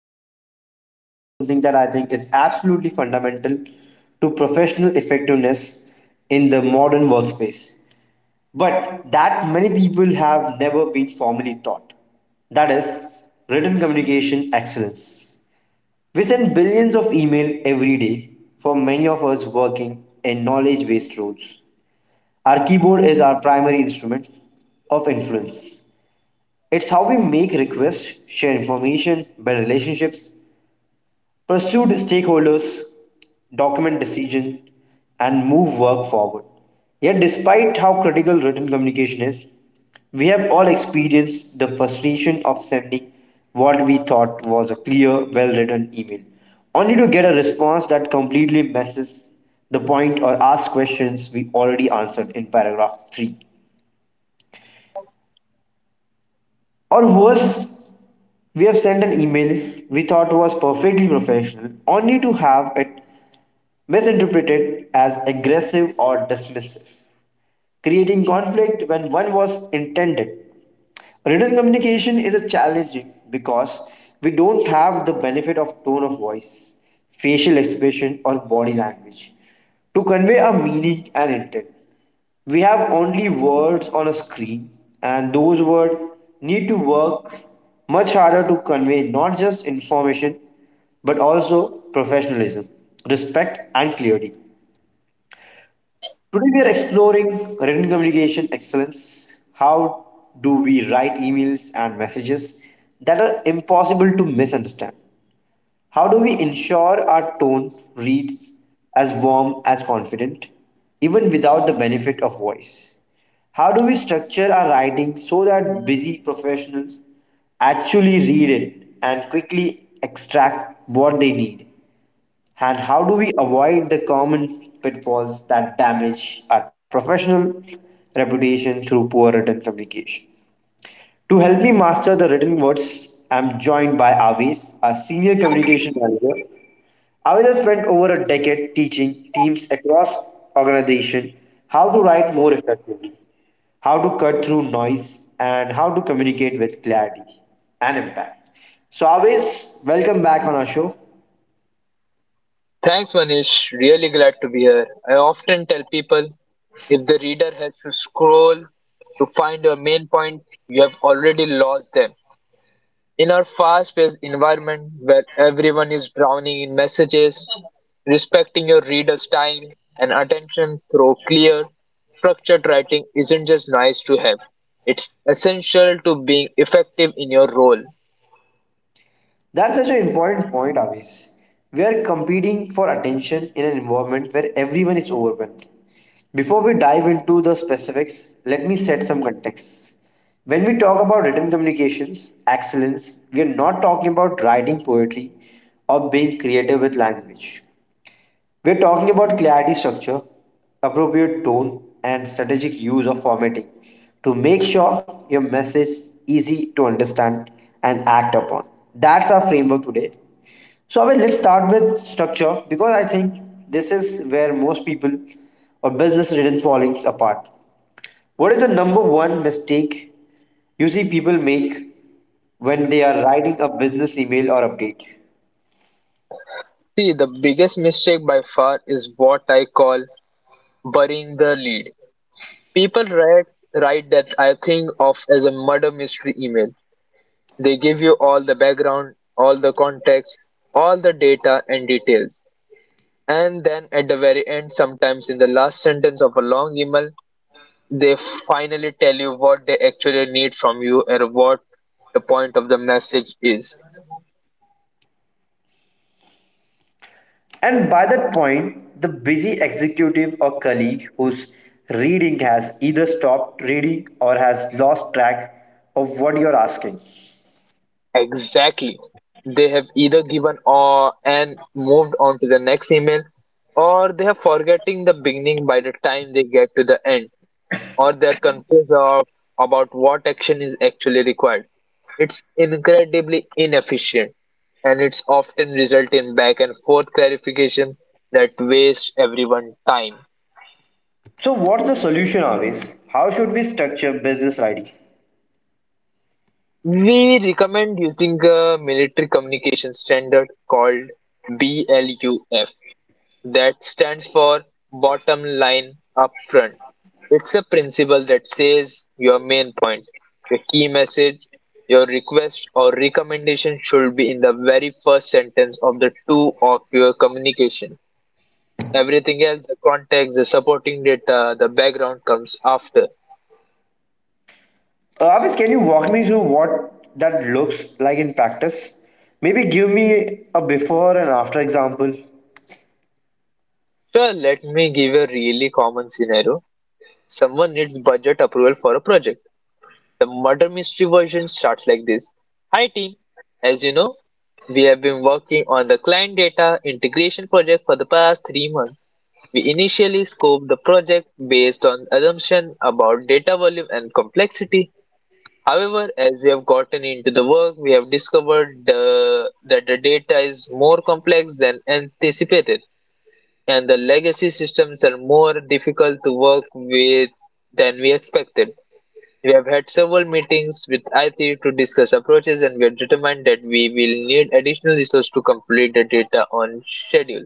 and today we are discussing something that I think is absolutely fundamental to professional effectiveness in the modern workspace, but that many people have never been formally taught. That is written communication excellence. We send billions of emails every day. For many of us working in knowledge based roles, our keyboard is our primary instrument of influence. It's how we make requests, share information, build relationships, pursue stakeholders, document decision, and move work forward. Yet, despite how critical written communication is, we have all experienced the frustration of sending what we thought was a clear, well written email, only to get a response that completely misses the point or asks questions we already answered in paragraph 3. Or worse, we have sent an email we thought was perfectly professional, only to have it misinterpreted as aggressive or dismissive, creating conflict when one was intended. Written communication is a challenge because we don't have the benefit of tone of voice, facial expression, or body language to convey a meaning and intent. We have only words on a screen, and those words need to work much harder to convey not just information but also professionalism, respect, and clarity. Today we are exploring written communication excellence. How do we write emails and messages that are impossible to misunderstand? How do we ensure our tone reads as warm as confident, even without the benefit of voice? How do we structure our writing so that busy professionals actually read it and quickly extract what they need? And how do we avoid the common pitfalls that damage our professional reputation through poor written communication? To help me master the written words, I'm joined by Avis, our senior communication manager. Avis has spent over a decade teaching teams across organization how to write more effectively, how to cut through noise, and how to communicate with clarity and impact. So Avis, welcome back on our show. Thanks, Manish. Really glad to be here. I often tell people, if the reader has to scroll to find your main point, you have already lost them. In our fast paced environment where everyone is drowning in messages, respecting your reader's time and attention through clear, structured writing isn't just nice to have, it's essential to being effective in your role. That's such an important point, Avis. We are competing for attention in an environment where everyone is overwhelmed. Before we dive into the specifics, let me set some context. When we talk about written communications, excellence, we are not talking about writing poetry or being creative with language. We're talking about clarity structure, appropriate tone, and strategic use of formatting to make sure your message is easy to understand and act upon. That's our framework today. So Abhay, let's start with structure because I think this is where most people or business written fallings apart. What is the number one mistake you see people make when they are writing a business email or update? See, the biggest mistake by far is what I call burying the lead. People write that I think of as a murder mystery email. They give you all the background, all the context, all the data and details. And then at the very end, sometimes in the last sentence of a long email, they finally tell you what they actually need from you and what the point of the message is. And by that point, the busy executive or colleague whose reading has either stopped reading or has lost track of what you're asking. Exactly. They have either given or and moved on to the next email, or they are forgetting the beginning by the time they get to the end. Or they're about what action is actually required. It's incredibly inefficient and it's often result in back and forth clarification that waste everyone time. So, what's the solution, Avis? How should we structure business writing? We recommend using a military communication standard called BLUF. That stands for bottom line up front. It's a principle that says your main point, your key message, your request or recommendation should be in the very first sentence of the two of your communication. Everything else, the context, the supporting data, the background comes after. Avis, can you walk me through what that looks like in practice? Maybe give me a before and after example. Sure, let me give a really common scenario. Someone needs budget approval for a project. The murder mystery version starts like this. Hi team, as you know, we have been working on the client data integration project for the past 3 months. We initially scoped the project based on assumption about data volume and complexity. However, as we have gotten into the work, we have discovered that the data is more complex than anticipated, and the legacy systems are more difficult to work with than we expected. We have had several meetings with IT to discuss approaches, and we have determined that we will need additional resources to complete the data on schedule.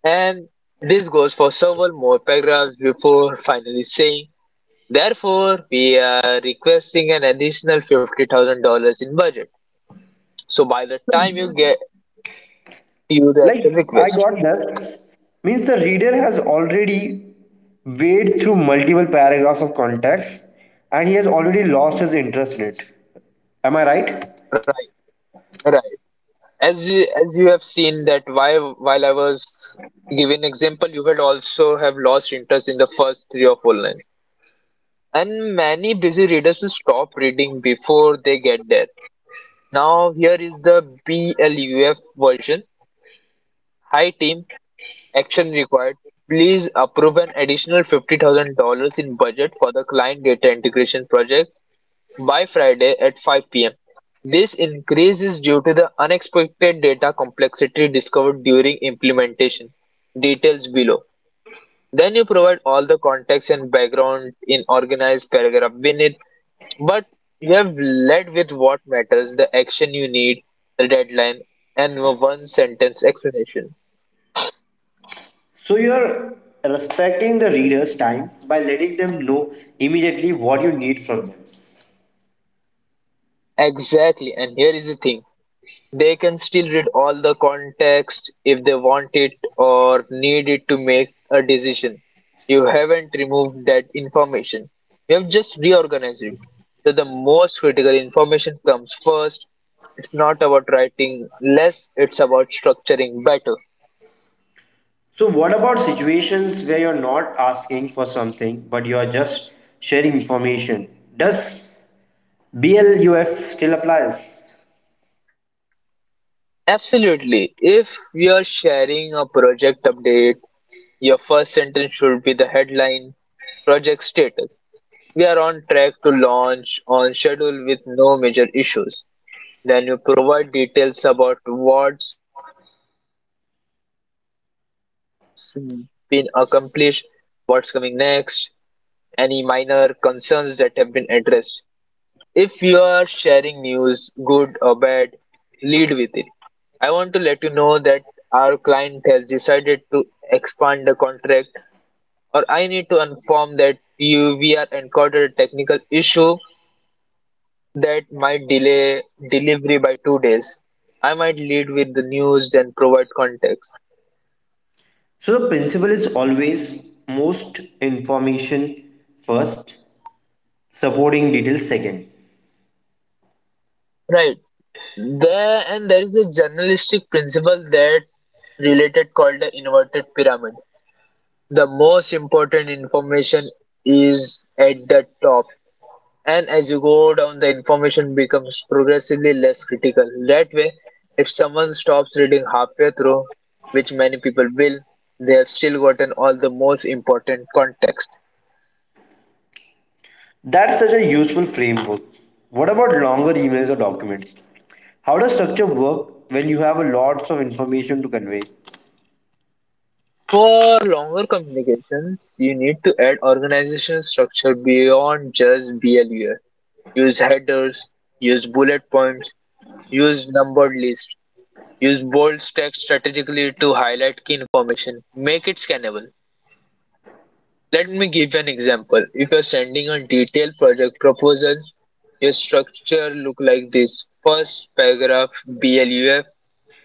And this goes for several more paragraphs before finally saying, therefore, we are requesting an additional $50,000 in budget. So by the time you get to the actual Like, I request, got this. Means the reader has already waded through multiple paragraphs of context and he has already lost his interest in it. Am I right? right, right. As you have seen that while I was giving example, you will also have lost interest in the first three or four lines. And many busy readers will stop reading before they get there. Now, here is the BLUF version. Hi team, action required. Please approve an additional $50,000 in budget for the client data integration project by Friday at 5 p.m. This increase is due to the unexpected data complexity discovered during implementation. Details below. Then you provide all the context and background in organized paragraph beneath. But you have led with what matters, the action you need, the deadline, and a one sentence explanation. So, you're respecting the reader's time by letting them know immediately what you need from them. Exactly, and here is the thing. They can still read all the context if they want it or need it to make a decision. You haven't removed that information. You have just reorganized it. So the most critical information comes first. It's not about writing less, it's about structuring better. So, what about situations where you're not asking for something but you're just sharing information? Does BLUF still applies? Absolutely. If you're sharing a project update, your first sentence should be the headline. Project status. We are on track to launch on schedule with no major issues. Then you provide details about what's been accomplished, what's coming next, any minor concerns that have been addressed. If you are sharing news, good or bad, lead with it. I want to let you know that our client has decided to expand the contract, or I need to inform that you we are encountered a technical issue that might delay delivery by 2 days. I might lead with the news and provide context. So the principle is always most information first, supporting details second. Right. There is a journalistic principle that related called the inverted pyramid. The most important information is at the top. And as you go down, the information becomes progressively less critical. That way, if someone stops reading halfway through, which many people will, they have still gotten all the most important context. That's such a useful framework. What about longer emails or documents? How does structure work when you have a lots of information to convey? For longer communications, you need to add organizational structure beyond just BLUR. Use headers, use bullet points, use numbered lists, use bold text strategically to highlight key information. Make it scannable. Let me give an example. If you're sending a detailed project proposal, your structure look like this. First paragraph BLUF,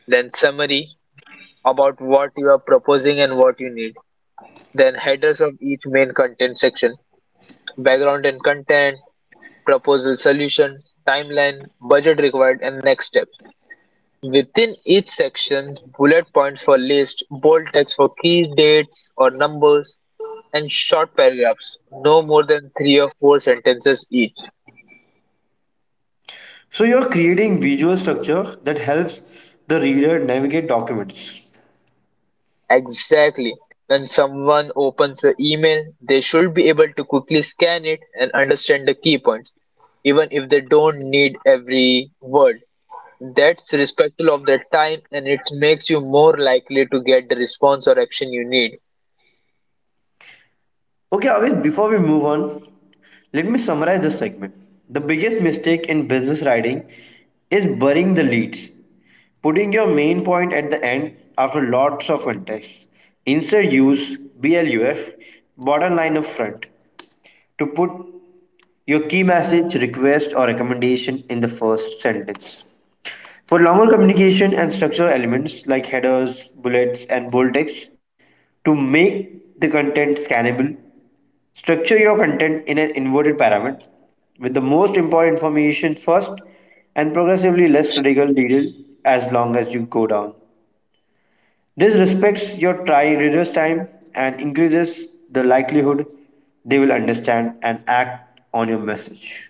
then summary about what you are proposing and what you need. Then headers of each main content section, background and content, proposal solution, timeline, budget required and next steps. Within each section, bullet points for lists, bold text for key dates or numbers, and short paragraphs, no more than three or four sentences each. So you're creating visual structure that helps the reader navigate documents. Exactly. When someone opens the email, they should be able to quickly scan it and understand the key points, even if they don't need every word. That's respectful of their time and it makes you more likely to get the response or action you need. Okay, Avish, before we move on, let me summarize this segment. The biggest mistake in business writing is burying the leads, putting your main point at the end after lots of context. Instead, use BLUF, bottom line up front, to put your key message, request, or recommendation in the first sentence. For longer communication and structural elements like headers, bullets, and bold text, to make the content scannable, structure your content in an inverted pyramid with the most important information first and progressively less critical detail as long as you go down. This respects your try reader's time and increases the likelihood they will understand and act on your message.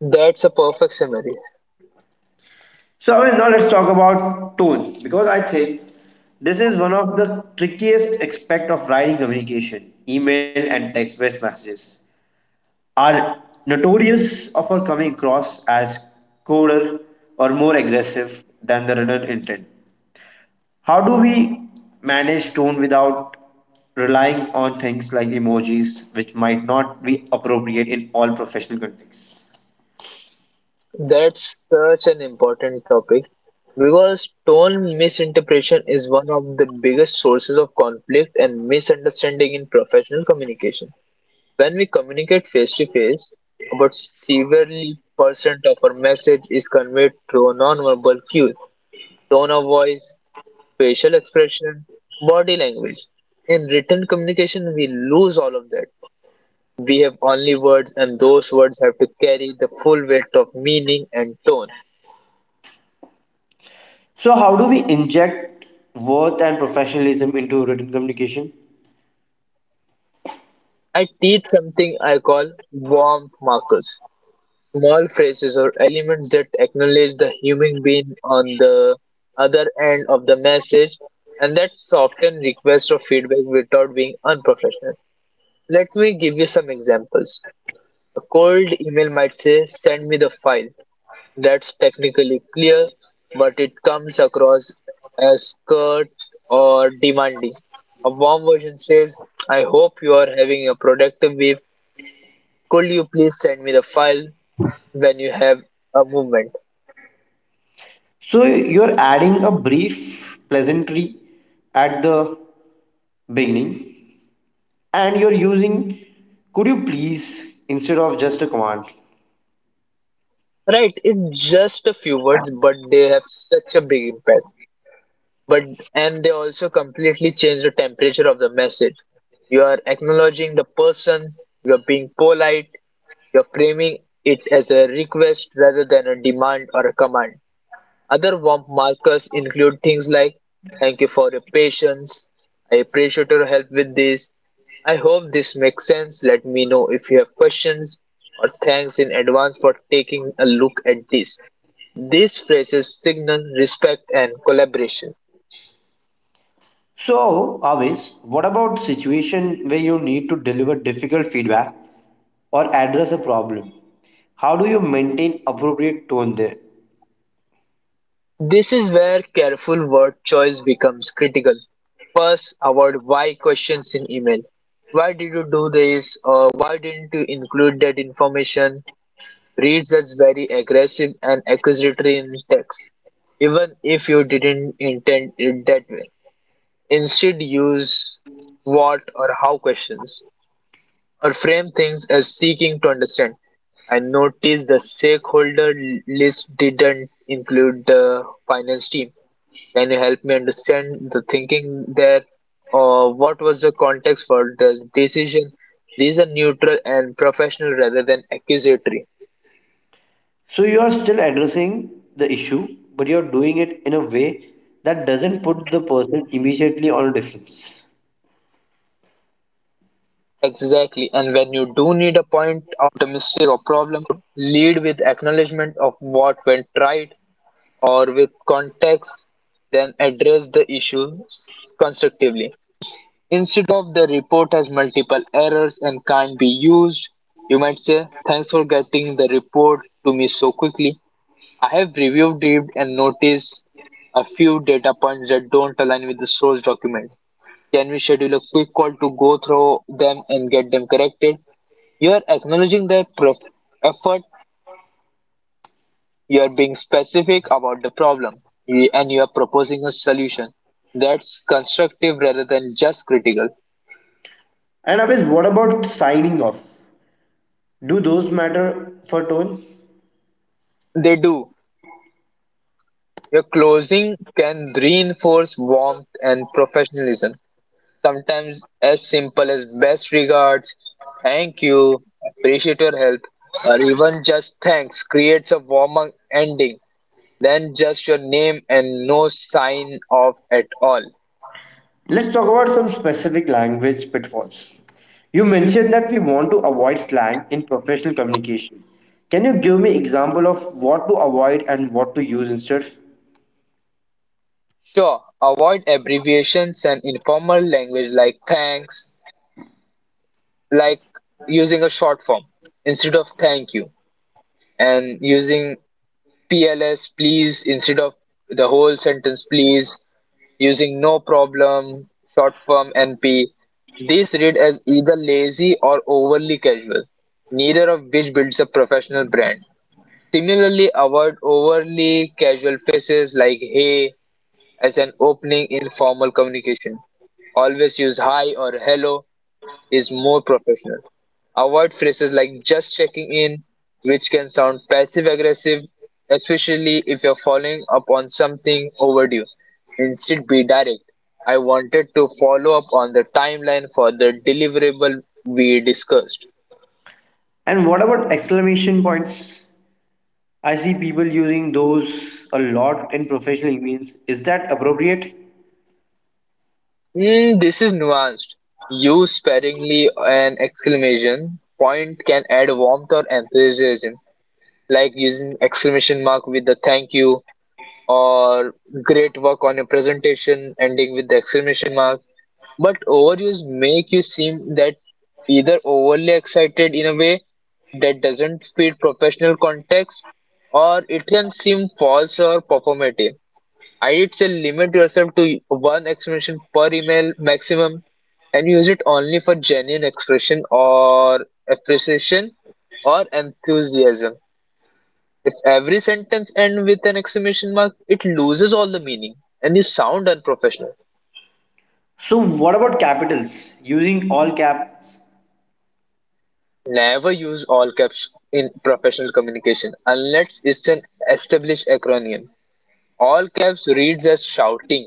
That's a perfect summary. So I mean, now let's talk about tone because I think this is one of the trickiest aspect of writing communication. Email and text-based messages are notorious for coming across as colder or more aggressive than the written intent. How do we manage tone without relying on things like emojis, which might not be appropriate in all professional contexts? That's such an important topic because tone misinterpretation is one of the biggest sources of conflict and misunderstanding in professional communication. When we communicate face to face, about 70% of our message is conveyed through nonverbal cues, tone of voice, facial expression, body language. In written communication, we lose all of that. We have only words, and those words have to carry the full weight of meaning and tone. So, how do we inject worth and professionalism into written communication? I teach something I call warmth markers, small phrases or elements that acknowledge the human being on the other end of the message and that soften requests of feedback without being unprofessional. Let me give you some examples. A cold email might say, "Send me the file." That's technically clear, but it comes across as curt or demanding. A warm version says, "I hope you are having a productive week, could you please send me the file when you have a movement?" So you're adding a brief pleasantry at the beginning and you're using could you please instead of just a command. Right, it's just a few words but they have such a big impact. But and they also completely change the temperature of the message. You are acknowledging the person, you are being polite, you're framing it as a request rather than a demand or a command. Other warmth markers include things like thank you for your patience, I appreciate your help with this, I hope this makes sense, let me know if you have questions, or thanks in advance for taking a look at this. These phrases signal respect and collaboration. So always what about situation where you need to deliver difficult feedback or address a problem? How do you maintain appropriate tone there? This is where careful word choice becomes critical. First, avoid why questions in email. "Why did you do this?" Or "why didn't you include that information?" Reads as very aggressive and accusatory in text, even if you didn't intend it that way. Instead, use what or how questions, or frame things as seeking to understand. "I noticed the stakeholder list didn't include the finance team. Can you help me understand the thinking there?" Or "what was the context for the decision?" These are neutral and professional rather than accusatory. So you are still addressing the issue but you're doing it in a way that doesn't put the person immediately on a defense. Exactly, and when you do need a point out a mistake or problem, lead with acknowledgement of what went right or with context, then address the issue constructively. Instead of "the report has multiple errors and can't be used," you might say, "Thanks for getting the report to me so quickly. I have reviewed it and noticed a few data points that don't align with the source document. Can we schedule a quick call to go through them and get them corrected?" You are acknowledging their effort, you are being specific about the problem, and you are proposing a solution that's constructive rather than just critical. And Abhis, what about signing off? Do those matter for tone? They do. Your closing can reinforce warmth and professionalism, sometimes as simple as best regards, thank you, appreciate your help, or even just thanks creates a warmer ending than just your name and no sign off at all. Let's talk about some specific language pitfalls. You mentioned that we want to avoid slang in professional communication. Can you give me example of what to avoid and what to use instead? Sure, avoid abbreviations and informal language like thanks, like using a short form instead of thank you, and using PLS please instead of the whole sentence please, using no problem, short form NP. These read as either lazy or overly casual, neither of which builds a professional brand. Similarly, avoid overly casual phrases like hey as an opening in formal communication. Always use hi or hello is more professional. Avoid phrases like just checking in, which can sound passive aggressive, especially if you're following up on something overdue. Instead, be direct. I wanted to follow up on the timeline for the deliverable we discussed. And what about exclamation points? I see people using those a lot in professional emails. Is that appropriate? Mm, this is nuanced. Use sparingly an exclamation point can add warmth or enthusiasm, like using exclamation mark with the thank you, or great work on your presentation ending with the exclamation mark. But overuse make you seem that either overly excited in a way that doesn't fit professional context, or it can seem false or performative. I would say limit yourself to one exclamation per email maximum and use it only for genuine expression or appreciation or enthusiasm. If every sentence ends with an exclamation mark, it loses all the meaning and you sound unprofessional. So what about capitals? Using all caps. Never use all caps in professional communication unless it's an established acronym. All caps reads as shouting.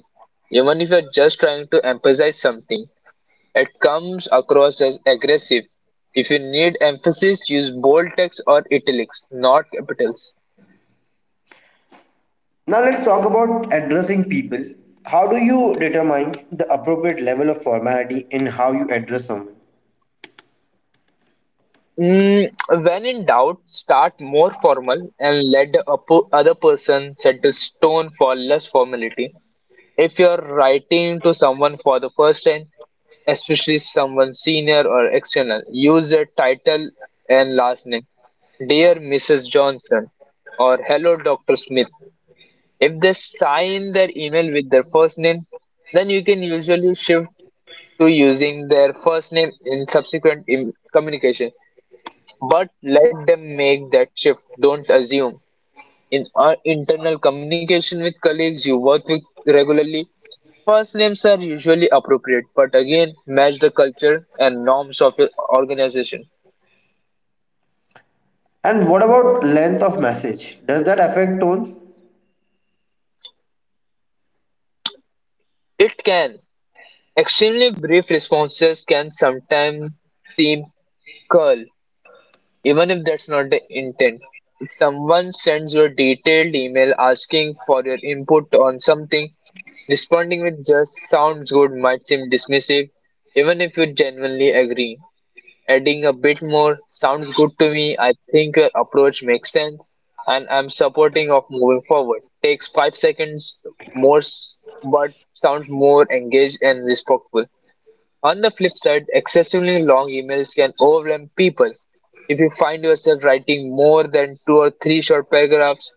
Even if you're just trying to emphasize something, it comes across as aggressive. If you need emphasis, use bold text or italics, not capitals. Now let's talk about addressing people. How do you determine the appropriate level of formality in how you address someone? Mm, when in doubt, start more formal and let the other person set the stone for less formality. If you're writing to someone for the first time, especially someone senior or external, use their title and last name. Dear Mrs. Johnson, or Hello Dr. Smith. If they sign their email with their first name, then you can usually shift to using their first name in subsequent communications. But let them make that shift. Don't assume. In our internal communication with colleagues you work with regularly, first names are usually appropriate, but again, match the culture and norms of your organization. And what about length of message? Does that affect tone? It can. Extremely brief responses can sometimes seem curt, even if that's not the intent. If someone sends you a detailed email asking for your input on something, responding with just sounds good might seem dismissive, even if you genuinely agree. Adding a bit more sounds good to me. I think your approach makes sense and I'm supporting of moving forward. Takes 5 seconds more, but sounds more engaged and respectful. On the flip side, excessively long emails can overwhelm people. If you find yourself writing more than two or three short paragraphs,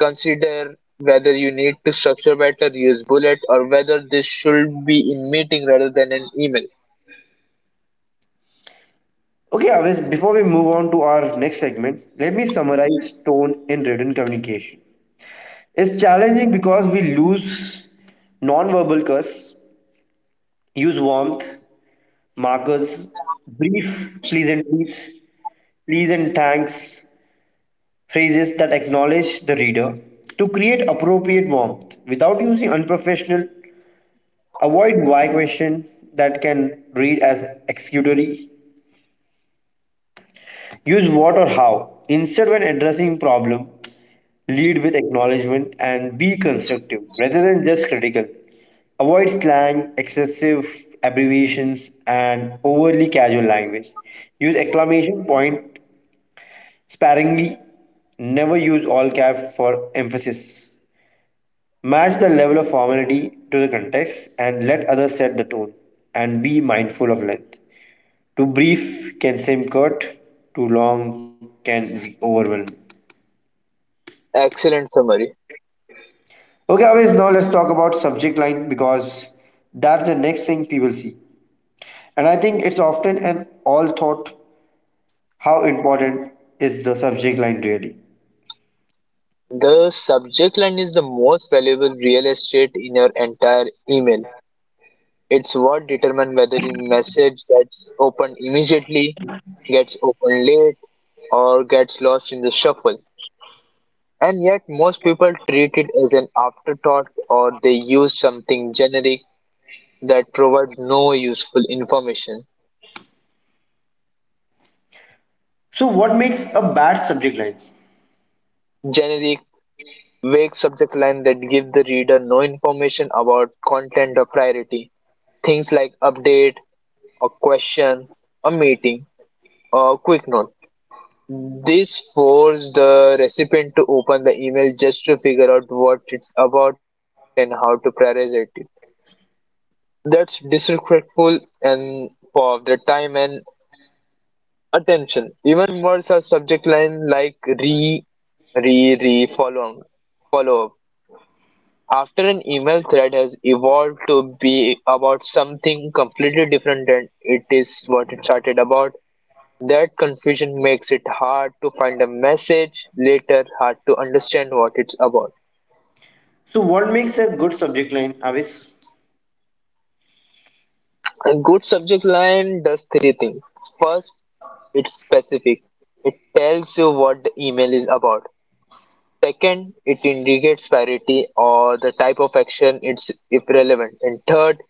consider whether you need to structure better, use bullet, or whether this should be in meeting rather than an email. Okay, Avis, before we move on to our next segment, let me summarize tone in written communication. It's challenging because we lose non-verbal cues, use warmth, markers, brief pleasantries, please and thanks, phrases that acknowledge the reader to create appropriate warmth without using unprofessional, avoid why question that can read as excusatory, use what or how instead when addressing problem, lead with acknowledgement and be constructive rather than just critical, avoid slang excessive abbreviations and overly casual language, use exclamation point sparingly, never use all caps for emphasis. Match the level of formality to the context and let others set the tone and be mindful of length. Too brief can seem curt, too long can be overwhelming. Excellent summary. Okay, always now let's talk about subject line because that's the next thing people see. And I think it's often an all thought. How important is the subject line really? The subject line is the most valuable real estate in your entire email. It's what determines whether your message gets opened immediately, gets opened late, or gets lost in the shuffle. And yet, most people treat it as an afterthought, or they use something generic that provides no useful information. So what makes a bad subject line? Generic, vague subject line that give the reader no information about content or priority. Things like update, a question, a meeting, or a quick note. This forces the recipient to open the email just to figure out what it's about and how to prioritize it. That's disrespectful and for the time and attention. Even words are subject line like re, re, re, following, follow up. After an email thread has evolved to be about something completely different than it is what it started about, that confusion makes it hard to find a message later, hard to understand what it's about. So what makes a good subject line, Avis? A good subject line does three things. First, it's specific. It tells you what the email is about. Second, it indicates parity or the type of action it's if relevant. And third,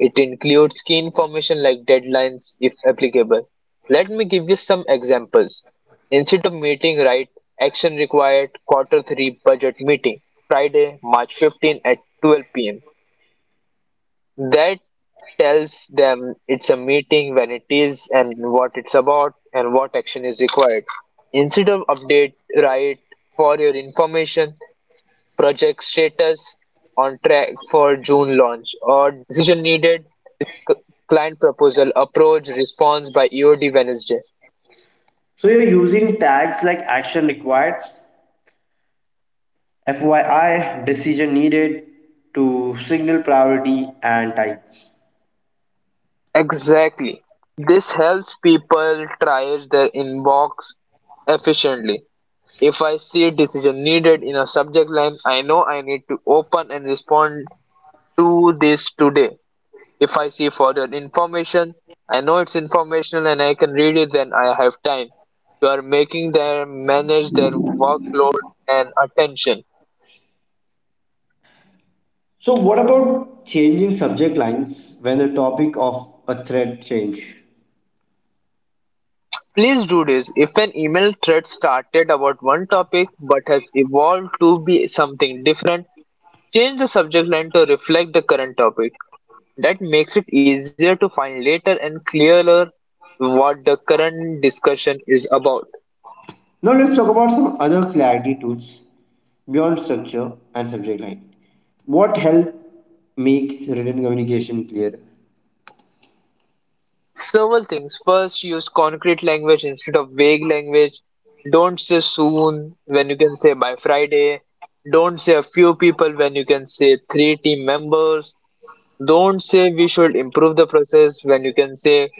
it includes key information like deadlines if applicable. Let me give you some examples. Instead of meeting, write action required quarter 3 budget meeting, Friday, March 15 at 12 pm. That tells them it's a meeting, when it is, and what it's about, and what action is required. Instead of update, write for your information, project status, on track for June launch, or decision needed, c- client proposal, approach, response by EOD Wednesday. So you're using tags like action required, FYI, decision needed to signal priority and time. Exactly. This helps people triage their inbox efficiently. If I see decision needed in a subject line, I know I need to open and respond to this today. If I see further information, I know it's informational and I can read it then I have time. You are making them manage their workload and attention. So, what about changing subject lines when the topic of a thread change? Please do this. If an email thread started about one topic but has evolved to be something different, change the subject line to reflect the current topic. That makes it easier to find later, and clearer what the current discussion is about. Now, let's talk about some other clarity tools beyond structure and subject line. What help makes written communication clear? Several things. First, use concrete language instead of vague language. Don't say soon when you can say by Friday. Don't say a few people when you can say three team members. Don't say we should improve the process when you can say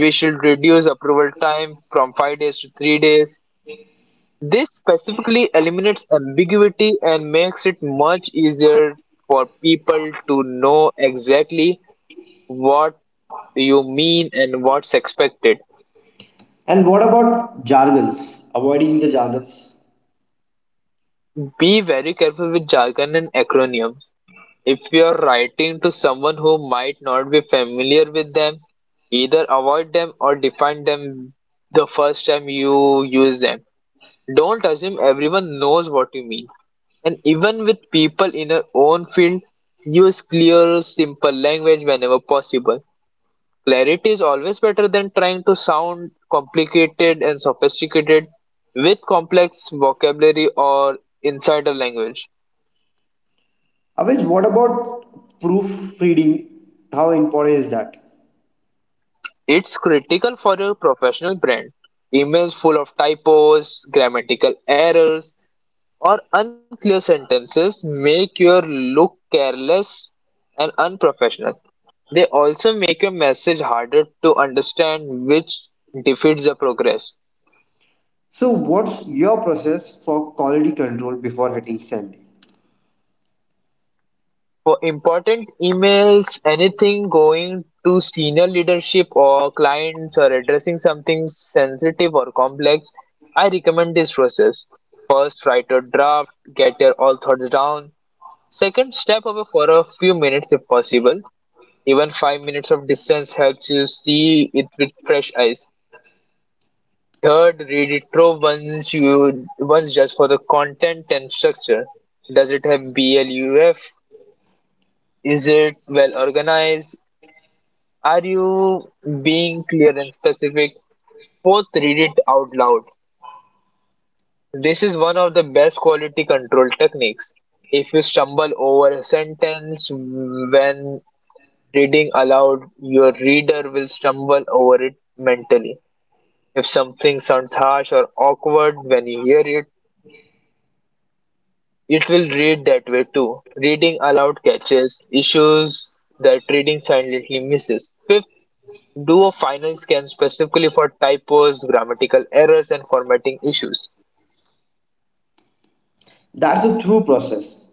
we should reduce approval time from 5 days to 3 days. This specifically eliminates ambiguity and makes it much easier for people to know exactly what you mean and what's expected. And what about jargons? Avoiding the jargons. Be very careful with jargon and acronyms. If you're writing to someone who might not be familiar with them, either avoid them or define them the first time you use them. Don't assume everyone knows what you mean. And even with people in your own field, use clear, simple language whenever possible. Clarity is always better than trying to sound complicated and sophisticated with complex vocabulary or insider language. Always, what about proofreading? How important is that? It's critical for a professional brand. Emails full of typos, grammatical errors, or unclear sentences make your look careless and unprofessional. They also make your message harder to understand, which defeats the progress. So, what's your process for quality control before hitting send? For important emails, anything going to senior leadership or clients or addressing something sensitive or complex, I recommend this process. First, write a draft, get your all thoughts down. Second, step away for a few minutes if possible. Even 5 minutes of distance helps you see it with fresh eyes. Third, read it through once you once just for the content and structure. Does it have BLUF? Is it well organized? Are you being clear and specific? Both read it out loud. This is one of the best quality control techniques. If you stumble over a sentence when reading aloud, your reader will stumble over it mentally. If something sounds harsh or awkward when you hear it, it will read that way too. Reading aloud catches issues that reading silently misses. Fifth, do a final scan specifically for typos, grammatical errors, and formatting issues. That's a through process.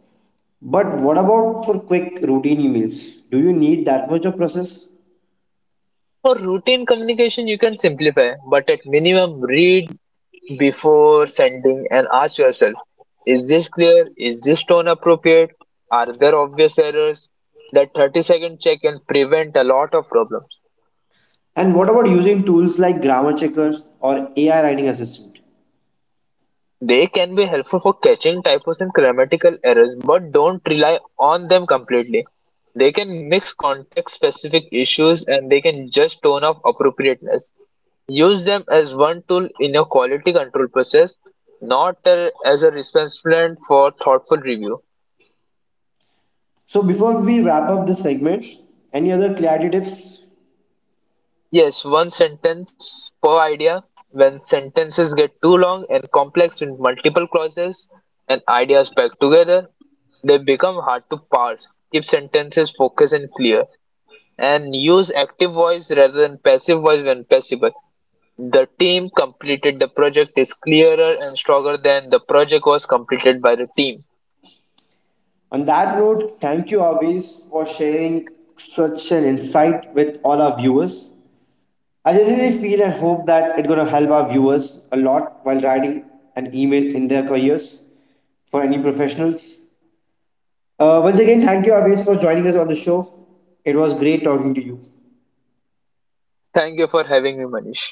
But what about for quick routine emails? Do you need that much of process? For routine communication, you can simplify, but at minimum, read before sending and ask yourself, is this clear, is this tone appropriate, are there obvious errors? That 30-second check can prevent a lot of problems. And what about using tools like grammar checkers or AI writing assistant? They can be helpful for catching typos and grammatical errors, but don't rely on them completely. They can mix context-specific issues and they can judge tone of appropriateness. Use them as one tool in your quality control process, not as a replacement for thoughtful review. So, before we wrap up this segment, any other clarity tips? Yes, one sentence per idea. When sentences get too long and complex with multiple clauses and ideas packed together, they become hard to parse. Keep sentences focused and clear. And use active voice rather than passive voice when possible. The team completed the project is clearer and stronger than the project was completed by the team. On that note, thank you always for sharing such an insight with all our viewers. I generally feel and hope that it's going to help our viewers a lot while writing an email in their careers for any professionals. Once again, thank you, Aves, for joining us on the show. It was great talking to you. Thank you for having me, Manish.